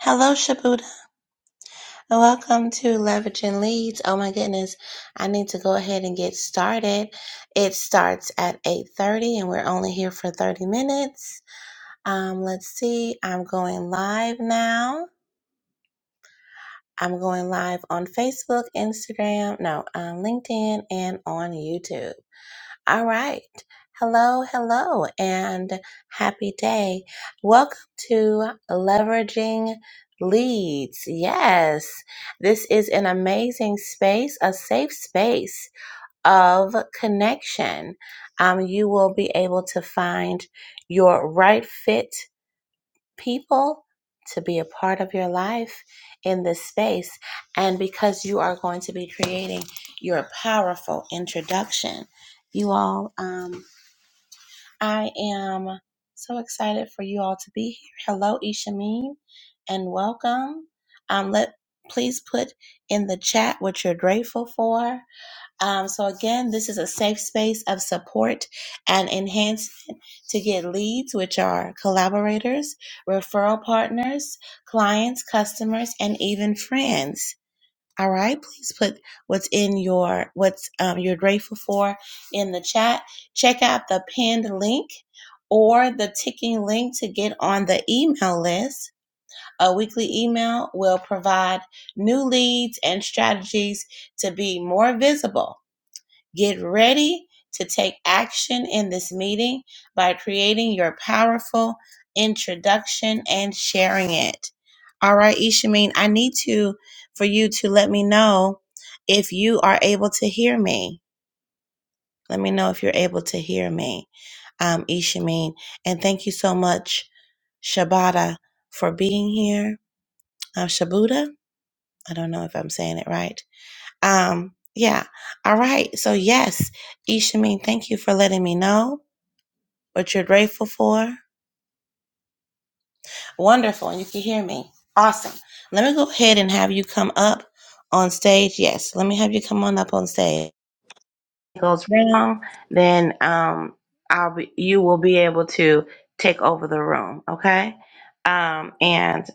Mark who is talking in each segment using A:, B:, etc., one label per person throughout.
A: Hello, Shabuda, and welcome to Leveraging Leads. Oh my goodness, I need to go ahead and get started. It starts at 8.30 and we're only here for 30 minutes. Um, let's see, I'm going live now. I'm going live on Facebook, Instagram, no, on LinkedIn, and on YouTube. All right. Hello, hello, and happy day. Welcome to Leveraging Leads. Yes, this is an amazing space, a safe space of connection. Um, you will be able to find your right fit people to be a part of your life in this space. And because you are going to be creating your powerful introduction, you all. Um, I am so excited for you all to be here. Hello, Ishameen, and welcome. Um, let please put in the chat what you're grateful for. Um, so again, this is a safe space of support and enhancement to get leads, which are collaborators, referral partners, clients, customers, and even friends. All right, please put what's in your what's um, you're grateful for in the chat. Check out the pinned link or the ticking link to get on the email list. A weekly email will provide new leads and strategies to be more visible Get ready to take action in this meeting by creating your powerful introduction and sharing it. All right, Ishameen, I need to for you to let me know if you are able to hear me. Let me know if you're able to hear me, um, Ishameen. And thank you so much, Shabata, for being here. Um, Shabuda, I don't know if I'm saying it right um, yeah. All right. So yes, Ishamin, thank you for letting me know what you're grateful for. Wonderful, and you can hear me. Awesome. Let me go ahead and have you come up on stage. Yes, let me have you come on up on stage. it goes round. then um, I'll be. You will be able to take over the room. Okay. Um, and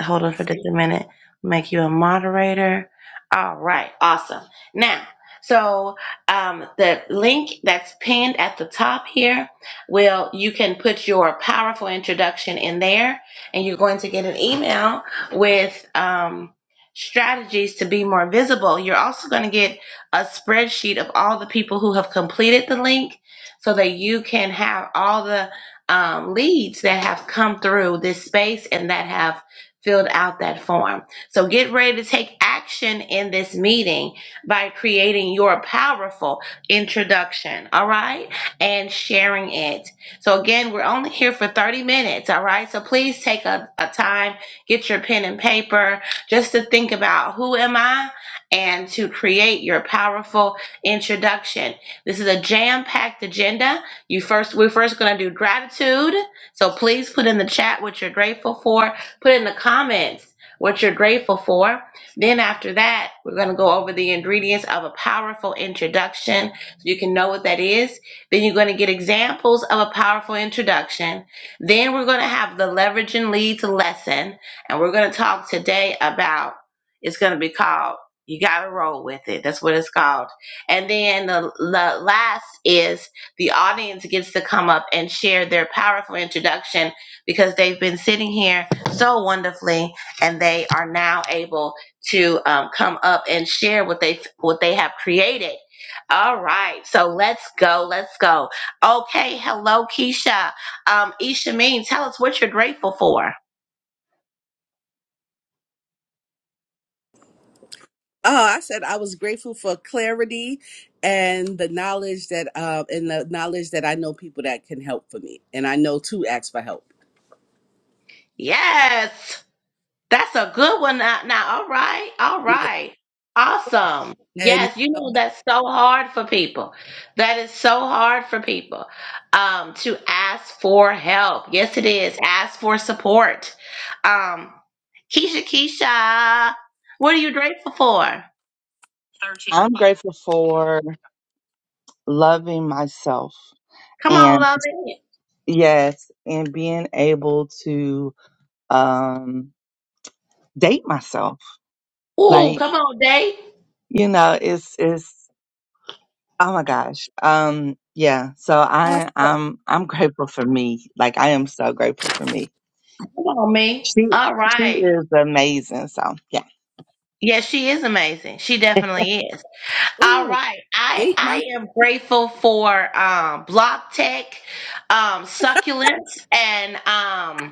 A: hold on for just a minute. Make you a moderator. All right, awesome. Now, so um, the link that's pinned at the top here, will you can put your powerful introduction in there, and you're going to get an email with um, strategies to be more visible. You're also going to get a spreadsheet of all the people who have completed the link, so that you can have all the um, leads that have come through this space and that have filled out that form. So get ready to take action in this meeting by creating your powerful introduction, all right? And sharing it. So again, we're only here for 30 minutes, all right? So please take a, a time, get your pen and paper just to think about who am I and to create your powerful introduction. This is a jam-packed agenda. You first we're first going to do gratitude. So please put in the chat what you're grateful for Put in the comments what you're grateful for. Then, after that, we're going to go over the ingredients of a powerful introduction so you can know what that is. Then, you're going to get examples of a powerful introduction. Then, we're going to have the leverage and leads lesson. And we're going to talk today about it's going to be called You Gotta Roll With It. That's what it's called. And then the, the last is the audience gets to come up and share their powerful introduction because they've been sitting here so wonderfully, and they are now able to um, come up and share what they what they have created. All right, so let's go, let's go. Okay, hello, Keisha. Um, Isha tell us what you're grateful for.
B: Oh, I said I was grateful for clarity and the knowledge that uh and the knowledge that I know people that can help for me. And I know to ask for help.
A: Yes. That's a good one. Now, now, all right, all
B: Yeah.
A: right, awesome.
B: And
A: Yes, you know that's so hard for people. That is so hard for people um, to ask for help. Yes, it is. Ask for support. Um, Keisha, Keisha, what are you grateful for?
C: 13 I'm grateful for loving myself
A: Come on,
C: and
A: love it.
C: yes, and being able to um date myself.
A: Ooh,
C: Like,
A: come on, day.
C: you know, it's it's oh my gosh. Um yeah, so I
B: myself.
C: I'm I'm grateful for me. Like I am so grateful for me.
A: Come on, me.
C: She
A: All
C: she
A: right.
C: is amazing. So, yeah.
A: Yes, she is amazing. She definitely is. All
B: Ooh,
A: right. I
B: date myself.
A: I am grateful for um Block Tech, um Succulents and um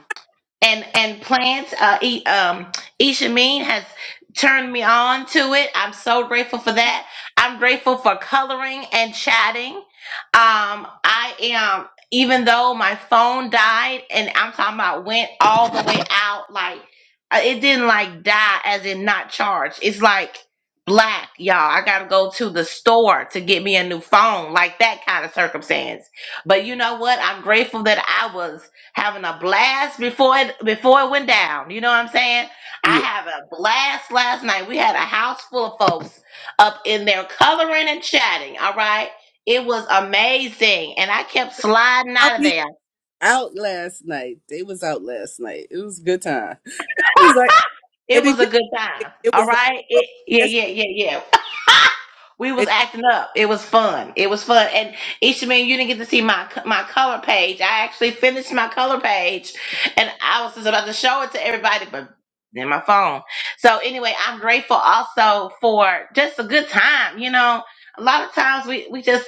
A: and and plants. Uh, e, um, Ishameen has turned me on to it. I'm so grateful for that. I'm grateful for coloring and chatting. Um, I am even though my phone died, and I'm talking about went all the way out. Like uh, it didn't like die, as in not charged. It's like black, y'all. I gotta go to the store to get me a new phone, like that kind of circumstance. But you know what? I'm grateful that I was having a blast before it before it went down. You know what I'm saying? I
B: Yeah.
A: had a blast last night. We had a house full of folks up in there coloring and chatting. All right. It was amazing. And I kept sliding
B: I'll
A: out of
B: be
A: there.
B: out last night. They was out last night. It was a good time. It was like
A: It
B: and it
A: was a
B: just
A: good time.
B: it
A: All
B: was like,
A: right.
B: oh,
A: It,
B: I
A: yeah,
B: guess
A: yeah, yeah, yeah. We was
B: it,
A: acting up. It was fun. It was fun. And Ishamin, you didn't get to see my my color page. I actually finished my color page, and I was just about to show it to everybody, but then my phone. So anyway, I'm grateful also for just a good time. You know, a lot of times we we just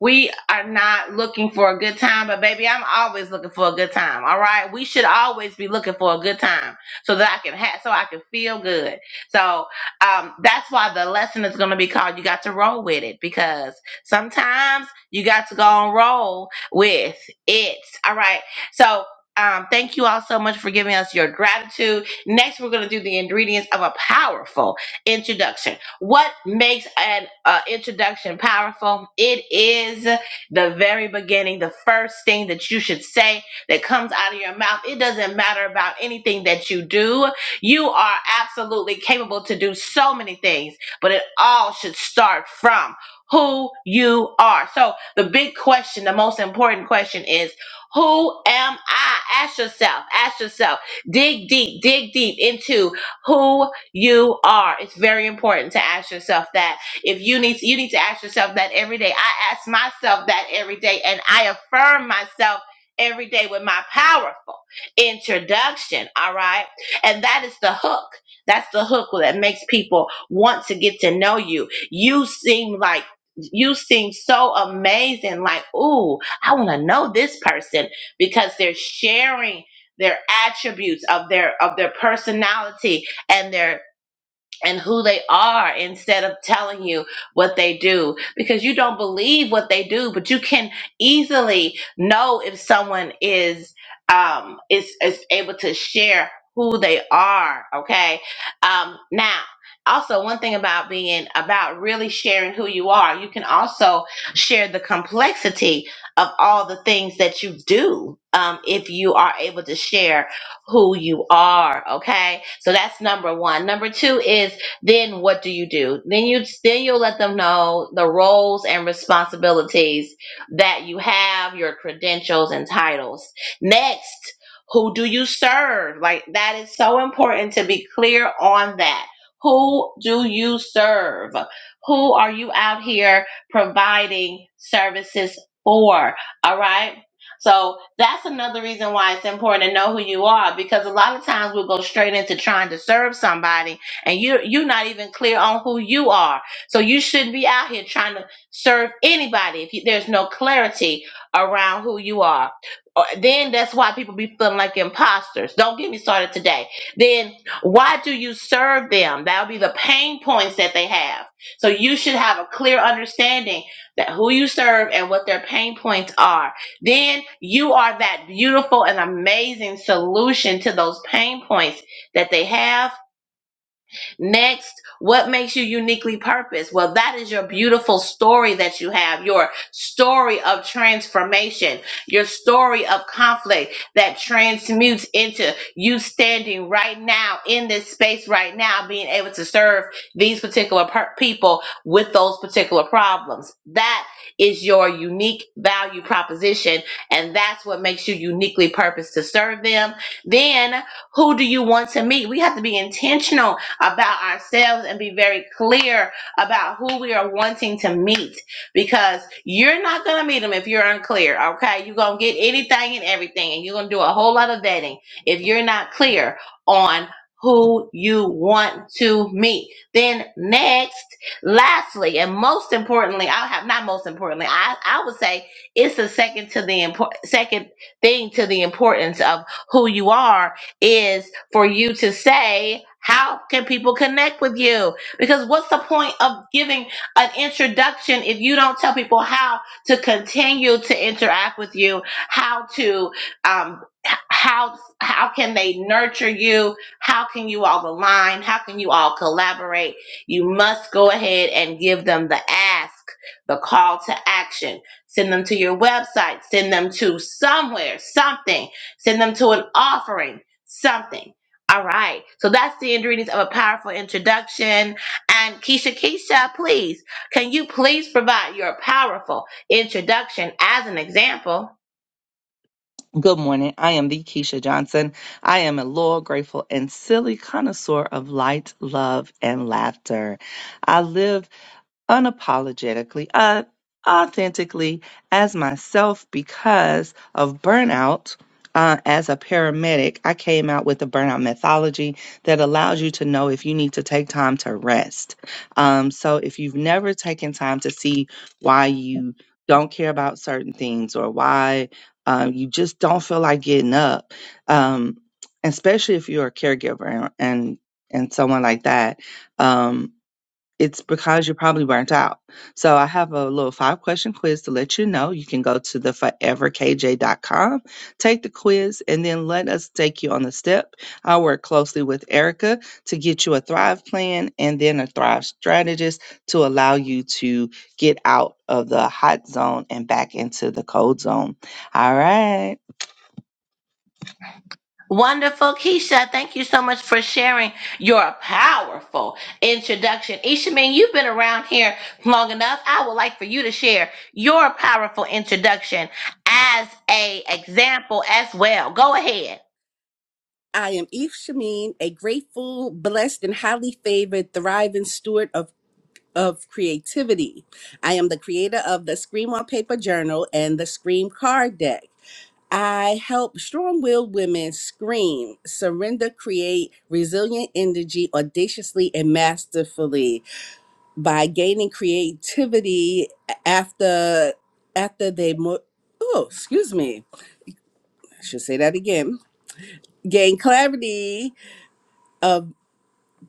A: we are not looking for a good time, but baby, I'm always looking for a good time. All right. We should always be looking for a good time so that I can have, so I can feel good. So, um, that's why the lesson is going to be called, you got to roll with it because sometimes you got to go and roll with it. All right. So, um, thank you all so much for giving us your gratitude. Next, we're going to do the ingredients of a powerful introduction. What makes an uh, introduction powerful? It is the very beginning, the first thing that you should say that comes out of your mouth. It doesn't matter about anything that you do. You are absolutely capable to do so many things, but it all should start from who you are. So, the big question, the most important question is who am I? Ask yourself, ask yourself, dig deep, dig deep into who you are. It's very important to ask yourself that. If you need to, you need to ask yourself that every day. I ask myself that every day and I affirm myself every day with my powerful introduction, all right? And that is the hook. That's the hook that makes people want to get to know you. You seem like you seem so amazing like, "Ooh, I want to know this person because they're sharing their attributes of their of their personality and their and who they are instead of telling you what they do because you don't believe what they do but you can easily know if someone is um is is able to share who they are okay um now also one thing about being about really sharing who you are you can also share the complexity of all the things that you do um, if you are able to share who you are. Okay. So that's number one. Number two is then what do you do? Then you then you'll let them know the roles and responsibilities that you have, your credentials and titles. Next, who do you serve? Like that is so important to be clear on that. Who do you serve? Who are you out here providing services for? All right. So that's another reason why it's important to know who you are because a lot of times we'll go straight into trying to serve somebody and you you're not even clear on who you are so you shouldn't be out here trying to serve anybody if you, there's no clarity around who you are Uh, then that's why people be feeling like imposters don't get me started today then why do you serve them that'll be the pain points that they have so you should have a clear understanding that who you serve and what their pain points are then you are that beautiful and amazing solution to those pain points that they have Next, what makes you uniquely purposed? Well, that is your beautiful story that you have, your story of transformation, your story of conflict that transmutes into you standing right now in this space right now, being able to serve these particular per- people with those particular problems. That is your unique value proposition, and that's what makes you uniquely purposed to serve them. Then, who do you want to meet? We have to be intentional about ourselves and be very clear about who we are wanting to meet because you're not going to meet them if you're unclear, okay? You're going to get anything and everything, and you're going to do a whole lot of vetting if you're not clear on who you want to meet. Then, next, lastly, and most importantly, I have not most importantly, I, I would say it's the second to the important second thing to the importance of who you are is for you to say, how can people connect with you? Because what's the point of giving an introduction if you don't tell people how to continue to interact with you, how to, um, h- how how can they nurture you? How can you all align? How can you all collaborate? You must go ahead and give them the ask, the call to action. Send them to your website. Send them to somewhere, something send them to an offering something. All right. So that's the ingredients of a powerful introduction. And Keisha, Keisha, please, can you please provide your powerful introduction as an example?
C: Good morning. I am the Keisha Johnson. I am a loyal, grateful, and silly connoisseur of light, love, and laughter. I live unapologetically, uh, authentically as myself because of burnout. Uh, as a paramedic, I came out with a burnout methodology that allows you to know if you need to take time to rest. Um, so, if you've never taken time to see why you don't care about certain things or why um, you just don't feel like getting up, um, especially if you're a caregiver and and, and someone like that, um, it's because you're probably burnt out. So I have a little five question quiz to let you know. You can go to the foreverkj.com, take the quiz, and then let us take you on the step. I work closely with Erica to get you a Thrive plan and then a Thrive strategist to allow you to get out of the hot zone and back into the cold zone. All right.
A: Wonderful, Keisha. Thank you so much for sharing your powerful introduction. Ishamin, you've been around here long enough. I would like for you to share your powerful introduction as a example as well. Go ahead.
B: I am Eve Shamin, a grateful, blessed, and highly favored, thriving steward of of creativity. I am the creator of the Scream on Paper Journal and the Scream Card Deck. I help strong willed women scream, surrender, create resilient energy audaciously and masterfully by gaining creativity after after they mo- oh excuse me I should say that again gain clarity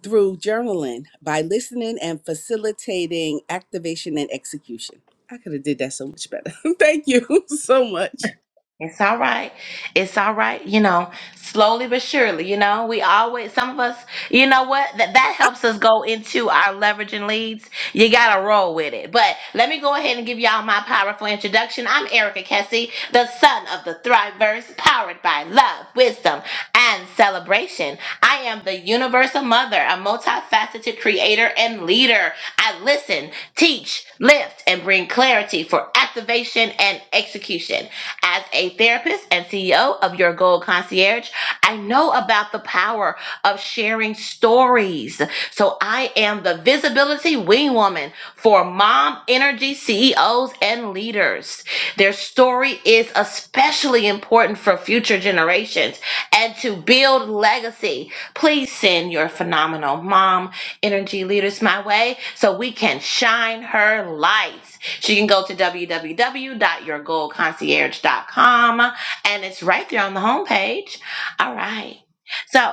B: through journaling by listening and facilitating activation and execution. I could have did that so much better. Thank you so much.
A: It's all right. It's all right. You know, slowly but surely, you know, we always, some of us, you know what? That, that helps us go into our leveraging leads. You got to roll with it. But let me go ahead and give y'all my powerful introduction. I'm Erica Kessie, the son of the Thriveverse, powered by love, wisdom, and celebration. I am the universal mother, a multifaceted creator and leader. I listen, teach, lift, and bring clarity for activation and execution. As a therapist and CEO of Your Gold Concierge, I know about the power of sharing stories. So I am the visibility wing woman for mom energy CEOs and leaders. Their story is especially important for future generations and to build legacy. Please send your phenomenal mom energy leaders my way so we can shine her light. She can go to w w w dot your goal concierge dot com and it's right there on the homepage. All right. So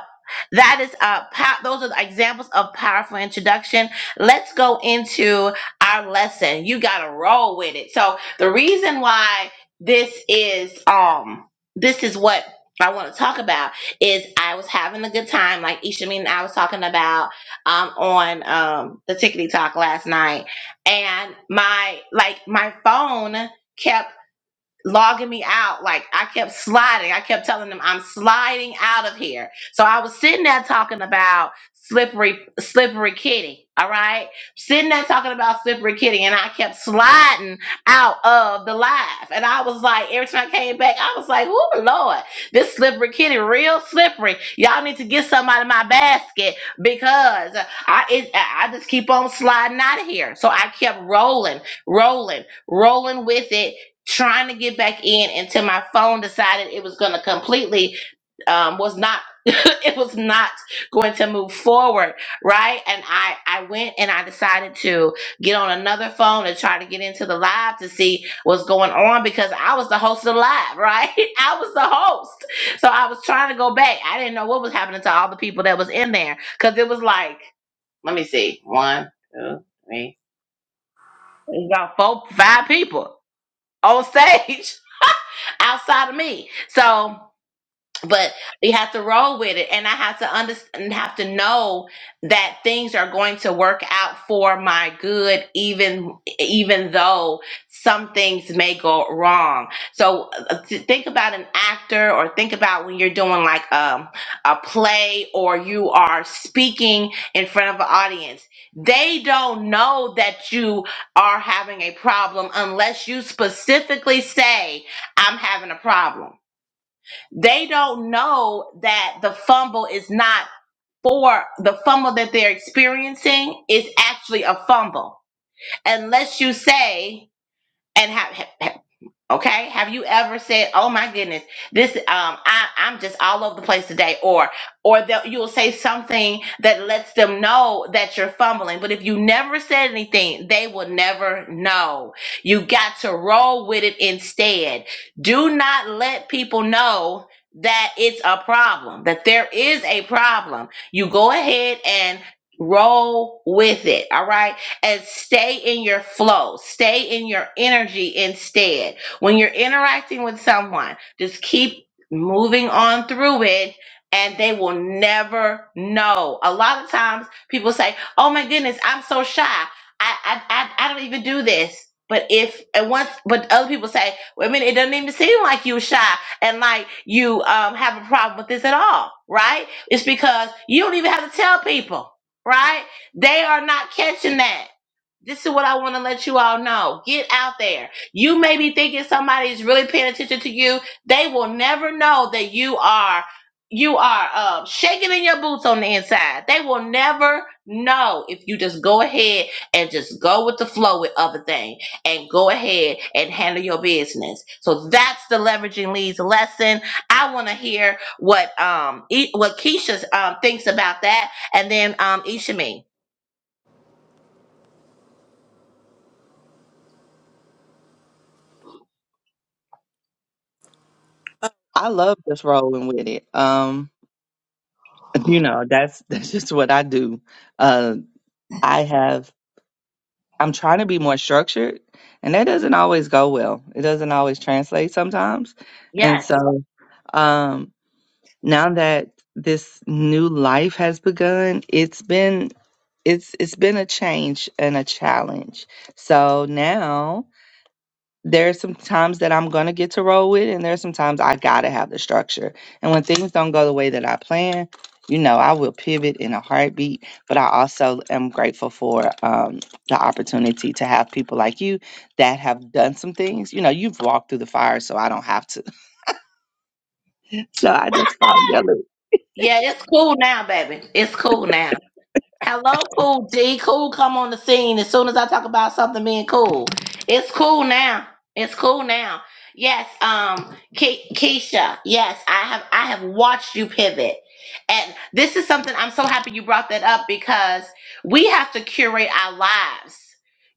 A: that is uh pow- those are the examples of powerful introduction. Let's go into our lesson. You got to roll with it. So the reason why this is um this is what I want to talk about is I was having a good time like Ishameen and I was talking about um on um the Tickety Talk last night and my like my phone kept logging me out. Like I kept sliding. I kept telling them I'm sliding out of here. So I was sitting there talking about slippery slippery kitty. All right. Sitting there talking about slippery kitty and I kept sliding out of the live. And I was like, every time I came back, I was like, oh Lord, this slippery kitty real slippery. Y'all need to get some out of my basket because I it, I I just keep on sliding out of here. So I kept rolling, rolling, rolling with it trying to get back in until my phone decided it was going to completely um, was not it was not going to move forward right and i i went and i decided to get on another phone and try to get into the live to see what's going on because i was the host of the live right i was the host so i was trying to go back i didn't know what was happening to all the people that was in there because it was like let me see one two three it's about four five people on stage outside of me. So but you have to roll with it and i have to understand have to know that things are going to work out for my good even even though some things may go wrong so uh, th- think about an actor or think about when you're doing like um, a play or you are speaking in front of an audience they don't know that you are having a problem unless you specifically say i'm having a problem they don't know that the fumble is not for the fumble that they're experiencing is actually a fumble unless you say and have Okay. Have you ever said, "Oh my goodness, this um, I I'm just all over the place today," or or that you'll say something that lets them know that you're fumbling. But if you never said anything, they will never know. You got to roll with it instead. Do not let people know that it's a problem. That there is a problem. You go ahead and roll with it. All right and stay in your flow, stay in your energy instead. When you're interacting with someone, just keep moving on through it and they will never know. A lot of times people say, Oh my goodness, I'm so shy. I I I, I don't even do this. But if and once but other people say, well, I mean, it doesn't even seem like you shy and like you um have a problem with this at all, right? It's because you don't even have to tell people, right? They are not catching that this is what I want to let you all know. Get out there. You may be thinking somebody's really paying attention to you. They will never know that you are you are uh, shaking in your boots on the inside. They will never know if you just go ahead and just go with the flow with other things and go ahead and handle your business. So that's the leveraging leads lesson. I want to hear what um e- what Keisha um thinks about that, and then um Ishami.
B: Uh,
C: I love just rolling with it. Um, you know, that's that's just what I do. Uh, I have I'm trying to be more structured, and that doesn't always go well. It doesn't always translate sometimes, and
A: Yes.
C: so. Um, now that this new life has begun, it's been it's it's been a change and a challenge. So now there's some times that I'm gonna get to roll with, and there's some times I gotta have the structure. And when things don't go the way that I plan, you know, I will pivot in a heartbeat. But I also am grateful for um, the opportunity to have people like you that have done some things. You know, you've walked through the fire, so I don't have to. So I just follow your lead.
A: Yeah, it's cool now, baby. It's cool now. Hello, cool D. Cool come on the scene as soon as I talk about something being cool. It's cool now. It's cool now. Yes, um, Ke- Keisha. Yes, I have. I have watched you pivot, and this is something I'm so happy you brought that up because we have to curate our lives.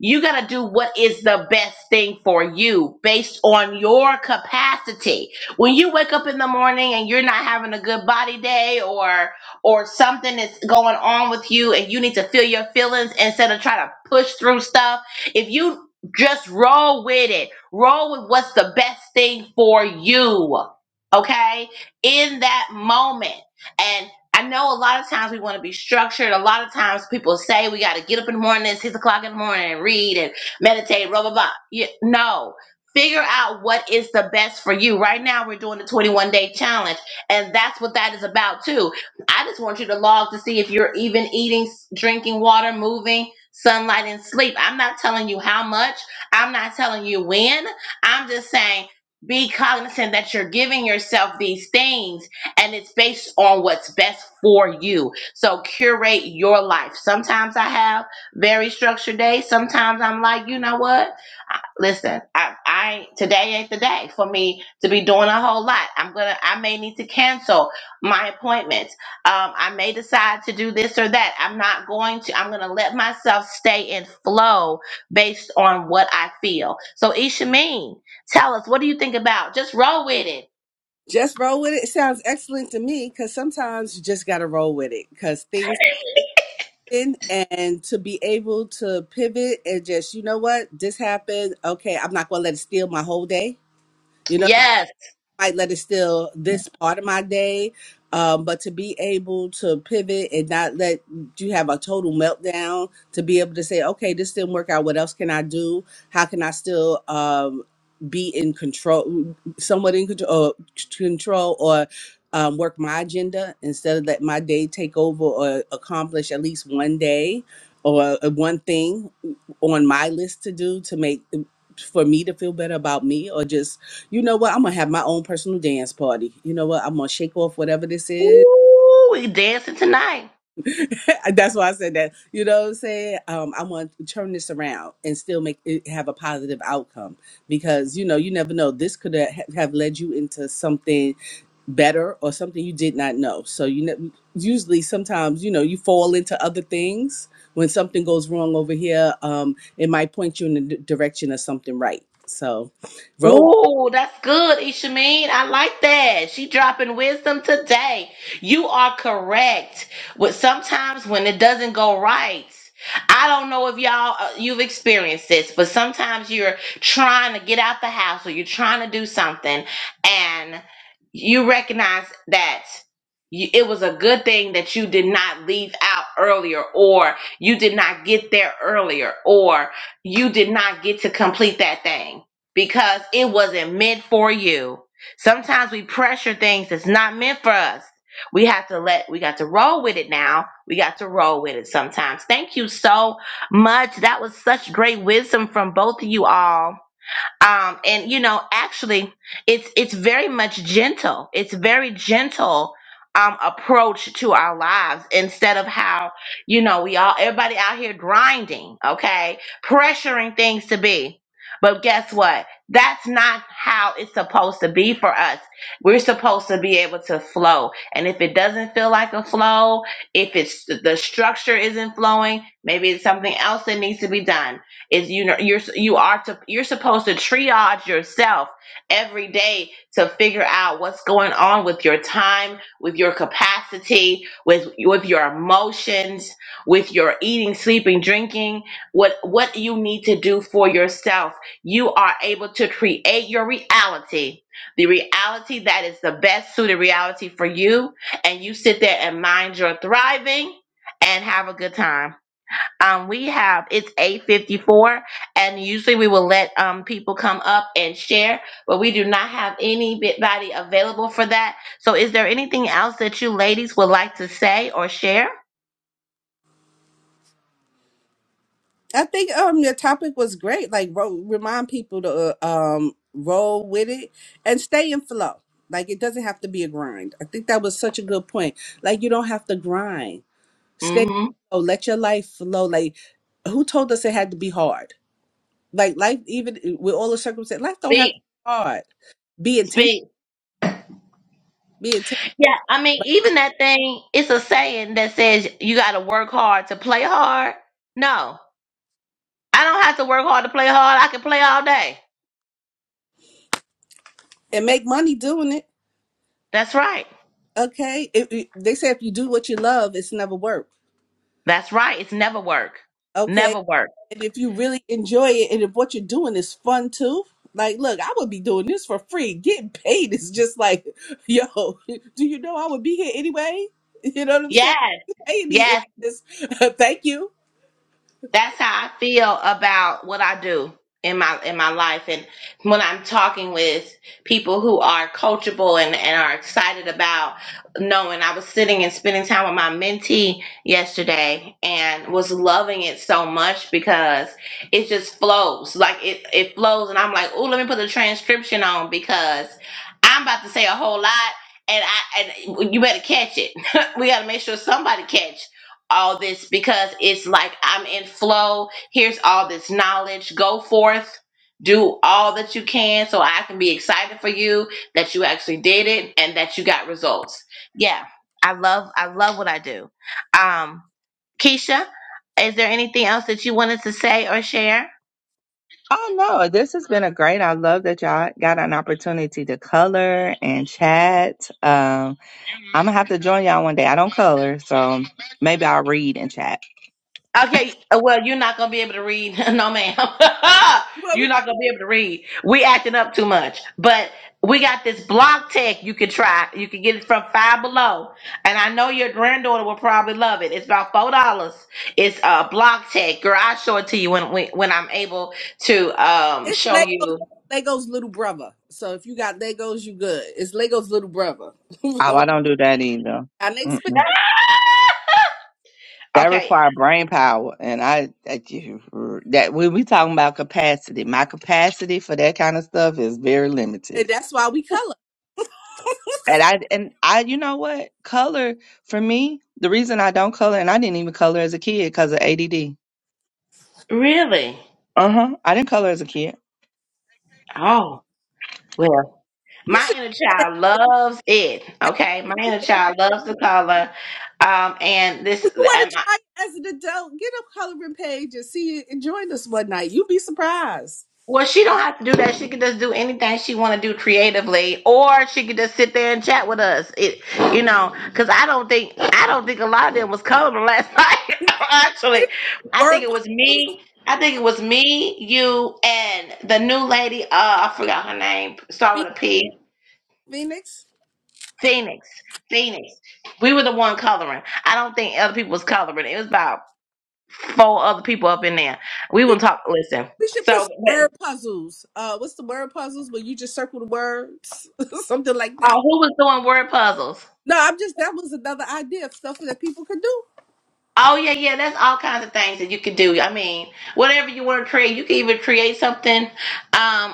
A: You got to do what is the best thing for you based on your capacity. When you wake up in the morning and you're not having a good body day, or or something is going on with you and you need to feel your feelings instead of trying to push through stuff, if you just roll with it, roll with what's the best thing for you, okay? In that moment. And I know a lot of times we want to be structured. A lot of times people say we got to get up in the morning, at six o'clock in the morning, and read and meditate, blah, blah, blah. Yeah, no. Figure out what is the best for you. Right now, we're doing the 21 day challenge, and that's what that is about too I just want you to log to see if you're even eating, drinking water, moving, sunlight, and sleep. I'm not telling you how much. I'm not telling you when. I'm just saying be cognizant that you're giving yourself these things and it's based on what's best for you. So curate your life. Sometimes I have very structured days. Sometimes I'm like, you know what? I- Listen, I, I today ain't the day for me to be doing a whole lot. I'm gonna I may need to cancel my appointments um, I may decide to do this or that. I'm not going to, I'm going to let myself stay in flow based on what I feel. So, Ishameen, tell us, what do you think about? Just roll with it.
B: just roll with it. It sounds excellent to me because sometimes you just got to roll with it because things happen and to be able to pivot and just, you know what, this happened. Okay, I'm not going to let it steal my whole day. You know.
A: Yes.
B: might let it steal this part of my day. Um, but to be able to pivot and not let you have a total meltdown, to be able to say, okay, this didn't work out. What else can I do? How can I still um, be in control, somewhat in control, or, control or um, work my agenda instead of let my day take over or accomplish at least one day or uh, one thing on my list to do to make for me to feel better about me or just you know what? I'm gonna have my own personal dance party. You know what? I'm gonna shake off whatever this is.
A: Ooh, we dancing tonight.
B: That's why I said that. You know what I'm saying? Um, I want to turn this around and still make it have a positive outcome because you know you never know. This could ha- have led you into something better or something you did not know. So you know, usually sometimes you know you fall into other things when something goes wrong over here. Um, it might point you in the d- direction of something right. So, roll.
A: Ooh, that's good, Ishameen. I like that. She dropping wisdom today. You are correct. But sometimes when it doesn't go right, I don't know if y'all uh, you've experienced this, but sometimes you're trying to get out the house or you're trying to do something and you recognize that you, it was a good thing that you did not leave out earlier or you did not get there earlier or you did not get to complete that thing because it wasn't meant for you. Sometimes we pressure things that's not meant for us. We have to let, we got to roll with it now. We got to roll with it sometimes. Thank you so much. That was such great wisdom from both of you all um and you know actually it's it's very much gentle it's very gentle um approach to our lives instead of how you know we all everybody out here grinding okay pressuring things to be but guess what that's not how it's supposed to be for us we're supposed to be able to flow and if it doesn't feel like a flow if it's the structure isn't flowing maybe it's something else that needs to be done is you know you're you are to you're supposed to triage yourself every day to figure out what's going on with your time with your capacity with with your emotions with your eating sleeping drinking what what you need to do for yourself you are able to create your reality the reality that is the best suited reality for you and you sit there and mind your thriving and have a good time um, we have it's 854 and usually we will let um, people come up and share but we do not have anybody available for that so is there anything else that you ladies would like to say or share
B: I think um your topic was great. Like ro- remind people to uh, um roll with it and stay in flow. Like it doesn't have to be a grind. I think that was such a good point. Like you don't have to grind. Stay
A: mm
B: in
A: hmm
B: flow. Let your life flow. Like who told us it had to be hard? Like life, even eh, with all the circumstances, life don't have to
A: Speak,
B: be hard. Be intentional.
A: speak.
B: Be
A: Yeah,
B: intentional.
A: I mean,
B: But
A: even that thing, it's a saying that says you got to work hard to play hard. No. I don't have to work hard to play hard. I can play all day.
B: and make money doing it.
A: That's right.
B: Okay. If, if- they say if you do what you love, it's never work.
A: That's right. It's never work.
B: okay?
A: Never work.
B: And if you really enjoy it and if what you're doing is fun too, like, look, I would be doing this for free. Getting paid is just like, yo, do you know I would be here anyway? You know what I'm saying?
A: Yes.
B: Pay me
A: Yes.
B: in this. Thank you.
A: that's how I feel about what I do in my in my life and when I'm talking with people who are coachable and, and are excited about knowing I was sitting and spending time with my mentee yesterday and was loving it so much because it just flows like it, it flows and I'm like oh let me put the transcription on because I'm about to say a whole lot and I and you better catch it we got to make sure somebody catch all this because it's like I'm in flow. Here's all this knowledge. Go forth, do all that you can so I can be excited for you that you actually did it and that you got results. Yeah. I love I love what I do. Um Keisha, is there anything else that you wanted to say or share?
C: Oh no, this has been a great. I love that y'all got an opportunity to color and chat. Um, I'm gonna have to join y'all one day. I don't color, so maybe I'll read and chat.
A: Okay, uh, well, you're not gonna be able to read. No, ma'am.
B: You know what I mean?
A: you're not gonna be able to read. We acting up too much. But we got this block tech you can try. You can get it from Five Below. And I know your granddaughter will probably love it. It's about four dollars. It's uh block tech. Girl, I'll show it to you when when, when I'm able to um
B: It's
A: show
B: Legos,
A: you.
B: Lego's little brother. So if you got Legos, you good. It's Lego's little brother.
C: Oh, I don't do that either.
B: I next,
C: Mm-mm. That
A: Okay.
C: require brain power, and I that, you- that when we talking about capacity, my capacity for that kind of stuff is very limited.
B: and that's why we color.
C: And I and I, you know what? Color for me, the reason I don't color, and I didn't even color as a kid because of ADD.
A: Really?
C: Uh huh. I didn't color as a kid.
A: Oh. Well,
B: You
A: my
B: should
A: inner
B: try that
A: child loves it. Okay, my inner child loves the color, um, and this.
B: Well, you want to try it as an adult, get a coloring page and see it and join us one night. You'd be surprised.
A: Well, she don't have to do that. She could just do anything she want to do creatively, or she could just sit there and chat with us. It, you know, because I don't think I don't think a lot of them was coming last night. Actually, I
B: Word
A: think it was
B: puzzles,
A: me. I think it was me, you, and the new lady. Uh, I forgot her name. Start
B: Phe-
A: with a P.
B: Phoenix.
A: Phoenix. Phoenix. We were the one coloring. I don't think other people was coloring. It was about four other people up in there. We will
B: We,
A: talk. Listen.
B: we should put
A: So,
B: some
A: but,
B: word puzzles. Uh, what's the word puzzles where you just circle the words, something like
A: uh,
B: that.
A: who was doing word puzzles?
B: No, I'm just that was another idea of stuff that people could do.
A: Oh yeah, yeah. That's all kinds of things that you could do. I mean, whatever you want to create, you can even create something um,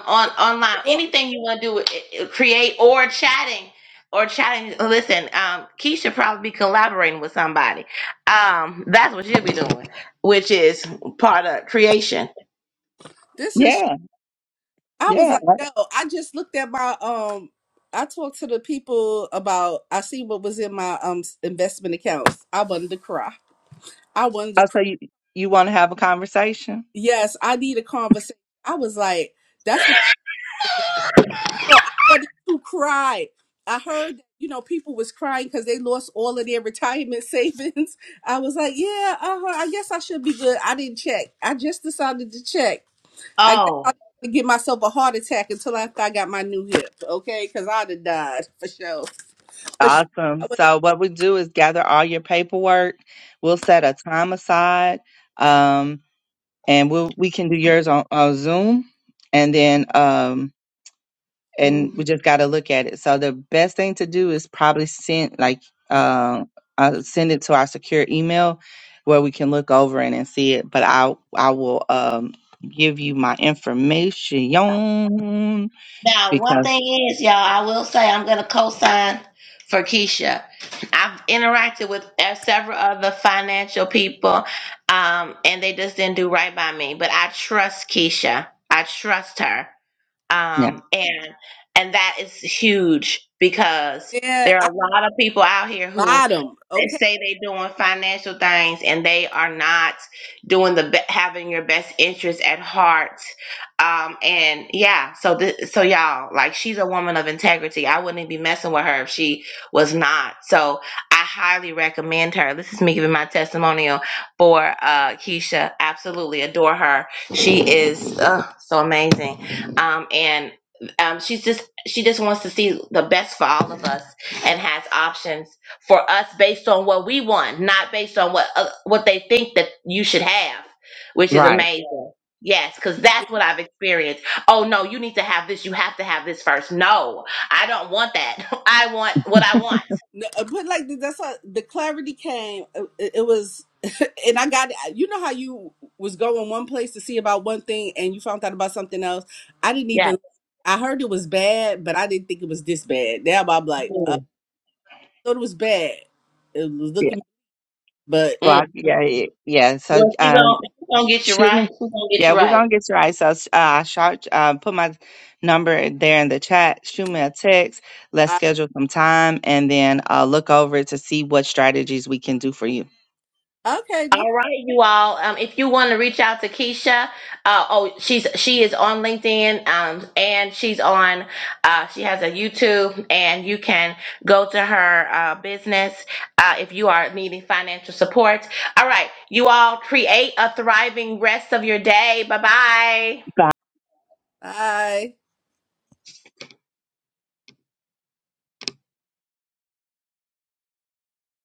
A: on online.
B: bro,
A: Anything you want to do, eh, eh, create or chatting or chatting. Listen, um, Keisha probably be collaborating with somebody. Um, that's what she'll be doing, which is part of creation.
B: This is.
C: Yeah,
B: I was
C: yeah.
B: like, yo, I just looked at my um. I talked to the people about. I see what was in my um investment accounts. I wanted to cry. I wanted to
C: Uh,
B: cry.
C: So you you want to have a conversation?
B: Yes, I need a conversation. I was like, that's what it was. no, I wanted to cry. I heard that, you know, people was crying because they lost all of their retirement savings. I was like, yeah, uh-huh, I guess I should be good. I didn't check. I just decided to check. I guess
A: Oh,
B: I didn't give myself a heart attack until after I got my new hip, okay? Because I'd have died for sure. For sure.
C: Awesome.
B: I would
C: So what we do is gather all your paperwork. We'll set a time aside, um, and we'll we can do yours on, on Zoom, and then um, and we
A: Mhm.
C: just got to look at it. So the best thing to do is probably send like uh, uh, send it to our secure email where we can look over it and see it. But I I will um give you my information
A: now one
C: because.
A: thing is, y'all, I will say I'm going to co-sign for Keisha. I've interacted with uh, several other financial people, um, and they just didn't do right by me. But I trust Keisha. I trust her. um, and and that is huge because
B: have, yeah,
A: there
B: I'm
A: are a lot of people out here who
B: bottom,
A: they
B: okay?
A: say they're doing financial things and they are not doing the be- having your best interest at heart um and yeah so this so y'all like she's a woman of integrity i wouldn't be messing with her if she was not so i highly recommend her this is me giving my testimonial for uh keisha absolutely adore her she is uh, so amazing um, and um, she's just she just wants to see the best for all of us and has options for us based on what we want, not based on what uh, what they think that you should have, which is
C: Right.
A: amazing. Yes, because that's what I've experienced. Oh no, you need to have this. You have to have this first. No, I don't want that. I want what I want.
B: No, uh, but like th- that's how the clarity came. uh, It, it was, and I got you know how you was going one place to see about one thing and you found out about something else. I didn't
A: Yes.
B: even. I heard it was bad, but I didn't think it was this bad. Now I'm like, uh,
A: Mm.
B: I thought it was bad. It was
C: Yeah.
B: looking, but
C: So I,
A: Mm.
C: yeah, yeah. yeah. So
A: Well, she gonna,
C: um,
A: she gonna get you
C: shoot me.
A: right. She gonna get
C: Yeah,
A: you
C: we're
A: right.
C: gonna get you right. So uh, I shot, uh, put my number there in the chat. Shoot me a text. Let's
B: I,
C: schedule some time, and then uh, look over to see what strategies we can do for you.
B: okay, no problem.
A: All right, you all. Um, if you want to reach out to Keisha, uh, oh, she's she is on LinkedIn, um, and she's on, uh, she has a YouTube, and you can go to her uh, business uh, if you are needing financial support. All right, you all create a thriving rest of your day. Bye bye.
C: Bye.
B: Bye.